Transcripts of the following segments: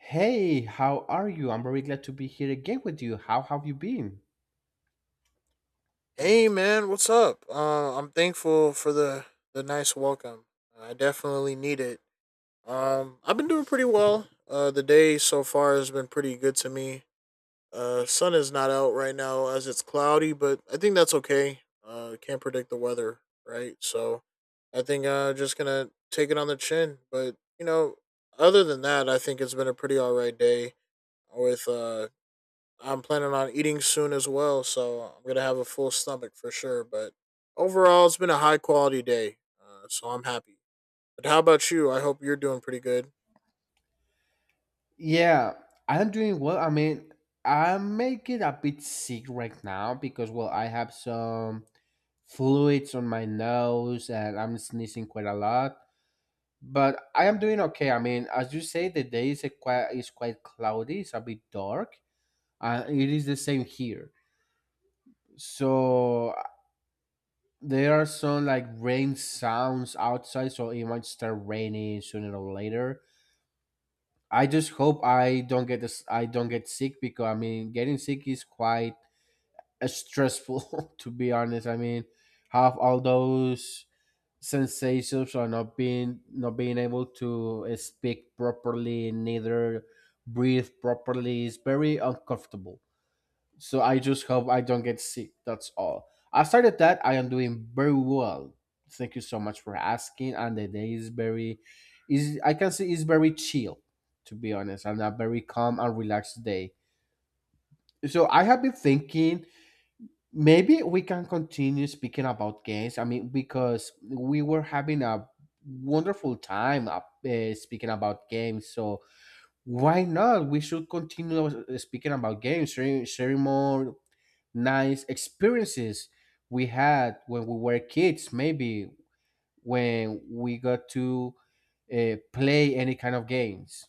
Hey, how are you? I'm very glad to be here again with you. How have you been? Hey man, what's up? I'm thankful for the nice welcome. I definitely need it. I've been doing pretty well. The day so far has been pretty good to me. Sun is not out right now as it's cloudy, but I think that's okay. Can't predict the weather, right? So, I think just gonna take it on the chin. But other than that, I think it's been a pretty all right day with I'm planning on eating soon as well, so I'm gonna have a full stomach for sure. But overall, it's been a high quality day, so I'm happy. But how about you? I hope you're doing pretty good. Yeah, I'm doing well. I mean, I'm making a bit sick right now because, well, I have some fluids on my nose and I'm sneezing quite a lot. But I am doing okay. I mean, as you say, the day is a quite is quite cloudy. It's a bit dark, and it is the same here. So there are some like rain sounds outside, so it might start raining sooner or later. I just hope I don't get this. I don't get sick because I mean, getting sick is quite stressful to be honest. I mean, have all those sensations or not being able to speak properly neither breathe properly. It's very uncomfortable, so I just hope I don't get sick. That's all. Aside of that, I am doing very well. Thank you so much for asking. And the day is very is I can say is very chill, to be honest, and a very calm and relaxed day. So I have been thinking maybe we can continue speaking about games. I mean, because we were having a wonderful time up, speaking about games. So why not? We should continue speaking about games, sharing more nice experiences we had when we were kids, maybe, when we got to play any kind of games.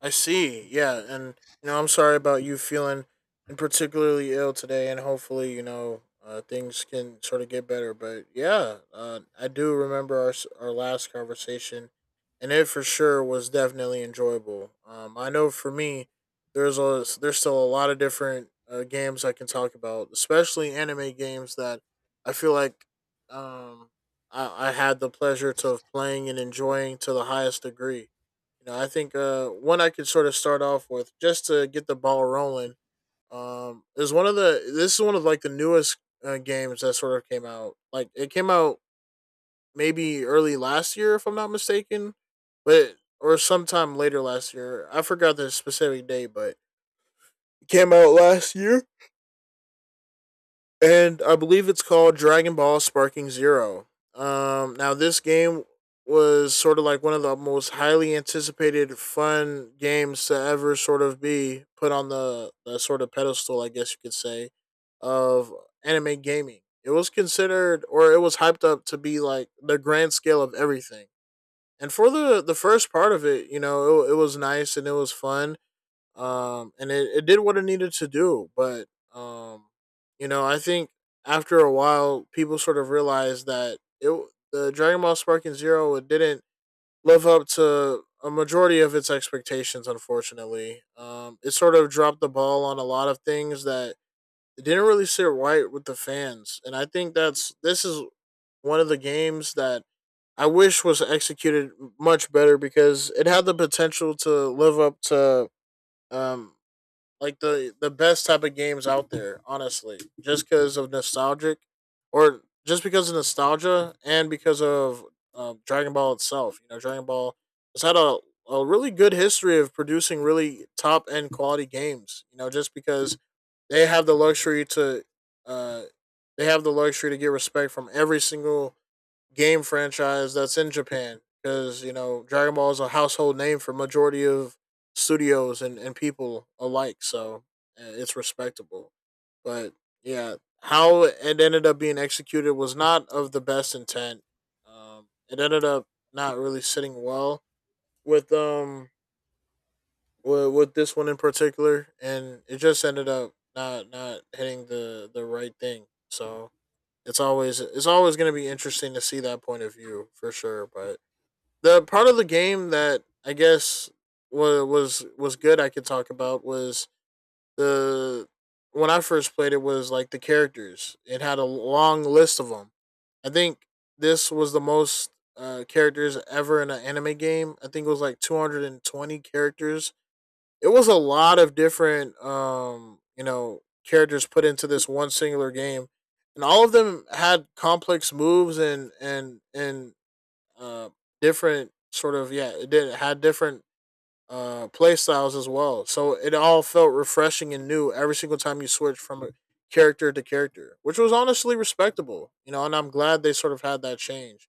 I see. Yeah, and you know, I'm sorry about you feeling and particularly ill today, and hopefully, you know, things can sort of get better. But yeah, I do remember our last conversation, and it for sure was definitely enjoyable. I know for me, there's still a lot of different games I can talk about, especially anime games that I feel like um, I had the pleasure to of playing and enjoying to the highest degree. You know, I think one I could sort of start off with just to get the ball rolling is one of the. This is one of like the newest games that sort of came out. Like it came out maybe early last year, if I'm not mistaken, but or sometime later last year. I forgot the specific day, but it came out last year. And I believe it's called Dragon Ball Sparking Zero. Now this game was sort of like one of the most highly anticipated fun games to ever sort of be put on the sort of pedestal, I guess you could say, of anime gaming. It was considered or it was hyped up to be like the grand scale of everything. And for the first part of it, you know, it was nice and it was fun, and it did what it needed to do. But um, you know, I think after a while, people sort of realized that it the Dragon Ball Sparking Zero it didn't live up to a majority of its expectations. Unfortunately, it sort of dropped the ball on a lot of things that it didn't really sit right with the fans, and I think that's this is one of the games that. I wish was executed much better because it had the potential to live up to, um, like the best type of games out there, honestly, just because of nostalgia and because of Dragon Ball itself. You know, Dragon Ball has had a really good history of producing really top end quality games. You know, just because they have the luxury to, uh, they have the luxury to get respect from every single game franchise that's in Japan, because you know Dragon Ball is a household name for majority of studios and people alike, so it's respectable. But yeah, how it ended up being executed was not of the best intent. It ended up not really sitting well with um with this one in particular, and it just ended up not not hitting the right thing. So it's always going to be interesting to see that point of view for sure. But the part of the game that I guess was good I could talk about was the when I first played it was like the characters. It had a long list of them. I think this was the most characters ever in an anime game. I think it was like 220 characters. It was a lot of different you know characters put into this one singular game, and all of them had complex moves and uh different sort of yeah it did it had different play styles as well, so it all felt refreshing and new every single time you switched from a character to character, which was honestly respectable. You know, and I'm glad they sort of had that change,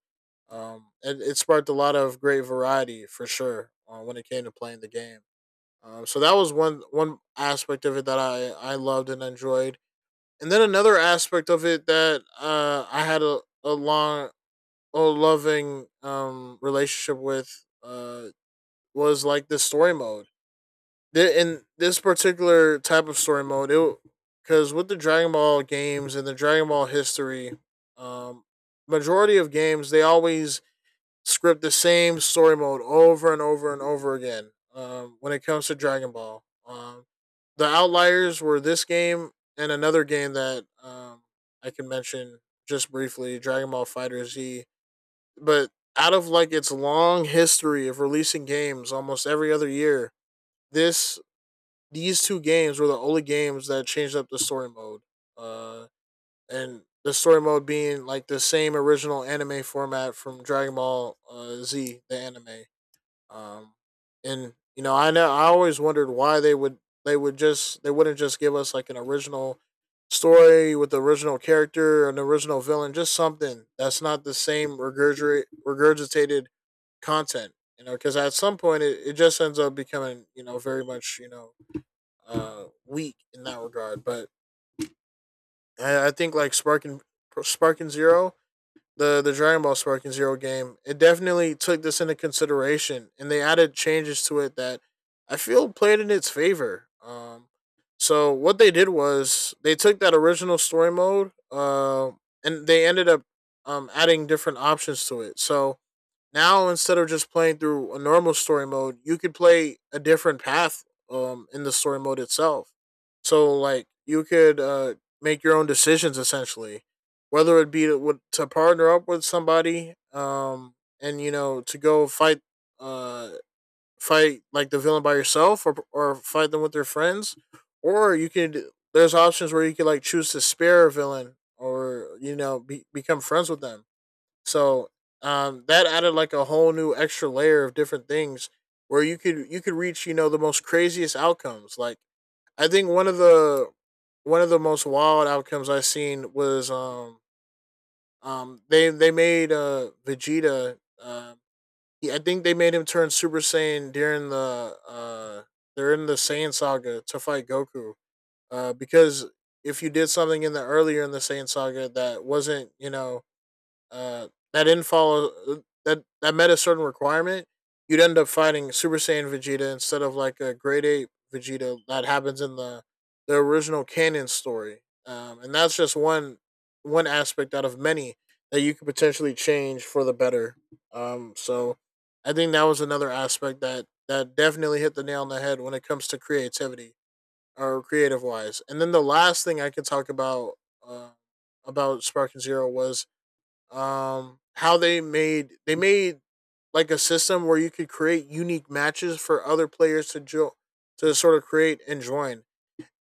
and it sparked a lot of great variety for sure when it came to playing the game. So that was one one aspect of it that I loved and enjoyed. And then another aspect of it that I had a long, a loving relationship with, was like the story mode. In this particular type of story mode, it because with the Dragon Ball games and the Dragon Ball history, um, majority of games they always script the same story mode over and over and over again. When it comes to Dragon Ball, the outliers were this game and another game that I can mention just briefly, Dragon Ball Fighter Z. But out of like its long history of releasing games almost every other year, this these two games were the only games that changed up the story mode. Uh, and the story mode being like the same original anime format from Dragon Ball Z, the anime. Um, and you know I always wondered why they wouldn't just give us like an original story with the original character, an original villain, just something that's not the same regurgitated content. You know, because at some point, it just ends up becoming you know very much, you know, weak in that regard. But I think like Spark and Spark and Zero the Dragon Ball Sparking Zero game, it definitely took this into consideration, and they added changes to it that I feel played in its favor. So what they did was they took that original story mode, and they ended up, adding different options to it. So now instead of just playing through a normal story mode, you could play a different path in the story mode itself. So like you could make your own decisions essentially, whether it be to, to partner up with somebody, and you know to go uh fight like the villain by yourself, or fight them with their friends, or you could, there's options where you could like choose to spare a villain or you know be, become friends with them. So that added like a whole new extra layer of different things where you could reach you know the most craziest outcomes. Like I think one of the most wild outcomes I seen was they made Vegeta, I think they made him turn Super Saiyan during the Saiyan saga to fight Goku, because if you did something in the earlier in the Saiyan saga that wasn't you know, uh, that didn't follow that that met a certain requirement, you'd end up fighting Super Saiyan Vegeta instead of like a Grade Eight Vegeta that happens in the original canon story. And that's just one aspect out of many that you could potentially change for the better. So I think that was another aspect that that definitely hit the nail on the head when it comes to creativity or creative wise. And then the last thing I could talk about, uh, about Spark and Zero was how they made like a system where you could create unique matches for other players to join, to sort of create and join.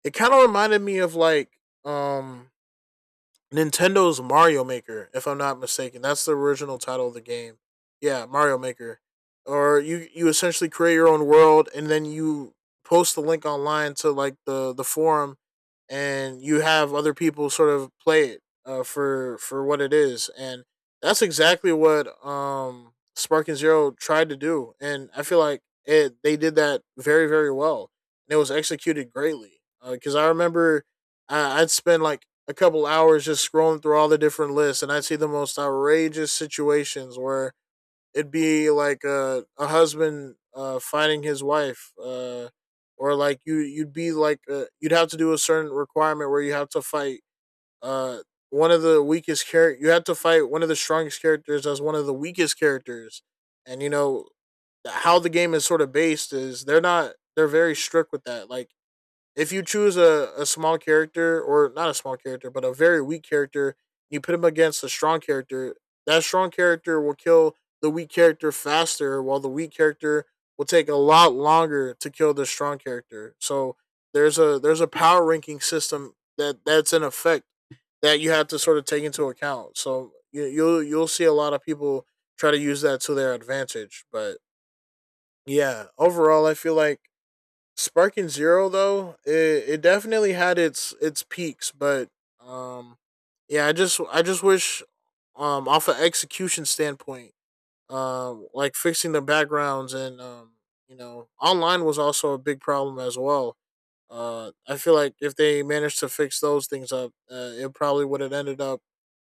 It kind of reminded me of like Nintendo's Mario Maker, if I'm not mistaken. That's the original title of the game. Yeah, Mario Maker. Or you essentially create your own world and then you post the link online to like the forum, and you have other people sort of play it for what it is, and that's exactly what Spark and Zero tried to do, and I feel like it they did that very very well, and it was executed greatly because I remember I'd spend like a couple hours just scrolling through all the different lists, and I'd see the most outrageous situations where it'd be like a husband finding his wife, or like you'd be like you'd have to do a certain requirement where you have to fight uh, one of the weakest character. You have to fight one of the strongest characters as one of the weakest characters, and you know how the game is sort of based is they're not they're very strict with that. Like if you choose a small character, or not a small character but a very weak character, you put him against a strong character, that strong character will kill the weak character faster, while the weak character will take a lot longer to kill the strong character. So there's a power ranking system that that's in effect, that you have to sort of take into account. So you'll see a lot of people try to use that to their advantage. But yeah, overall I feel like Sparking Zero though, it definitely had its peaks, but um yeah, I just wish, off an execution standpoint, like fixing the backgrounds and you know, online was also a big problem as well. I feel like if they managed to fix those things up, it probably would have ended up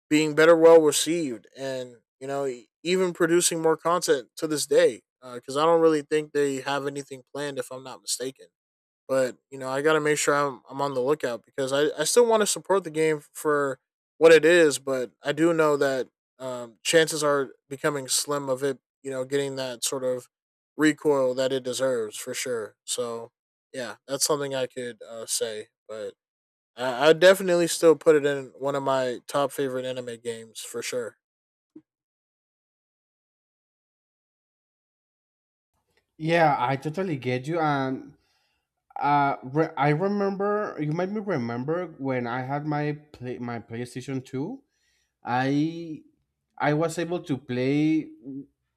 being better well received, and you know, even producing more content to this day, because I don't really think they have anything planned, if I'm not mistaken. But you know, I got to make sure I'm on the lookout because I still want to support the game for what it is, but I do know that chances are becoming slim of it. You know, getting that sort of recoil that it deserves for sure. So yeah, that's something I could, say, but. I definitely still put it in one of my top favorite anime games for sure. Yeah, I totally get you. And I remember you made me remember when I had my PlayStation Two. I I was able to play.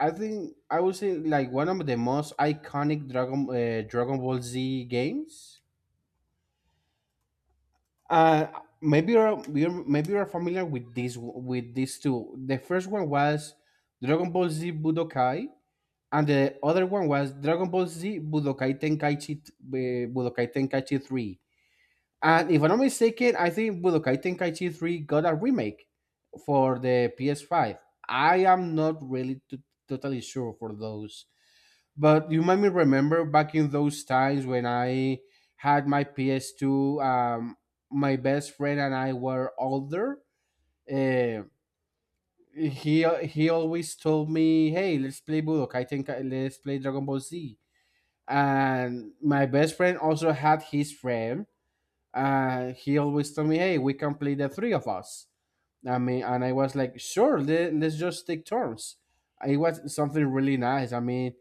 I think I would say like one of the most iconic Dragon Ball Z games. Uh, maybe you're familiar with this, with these two. The first one was Dragon Ball Z Budokai, and the other one was Dragon Ball Z Budokai Tenkaichi Budokai Tenkaichi Three. And if I'm not mistaken, I think Budokai Tenkaichi 3 got a remake for the PS5. I am not really totally sure for those. But you might me remember back in those times when I had my PS2. My best friend and I were older. Uh, he always told me, "Hey, let's play Budokai Tenkai, let's play Dragon Ball Z." And my best friend also had his friend. He always told me, "Hey, we can play the three of us." I mean, and I was like, "Sure, let's just take turns." It was something really nice. I mean,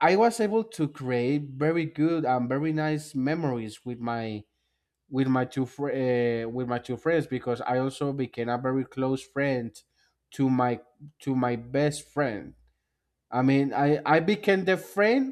I was able to create very good and very nice memories with my with my two friends, because I also became a very close friend to my to my best friend. I mean, I became the friend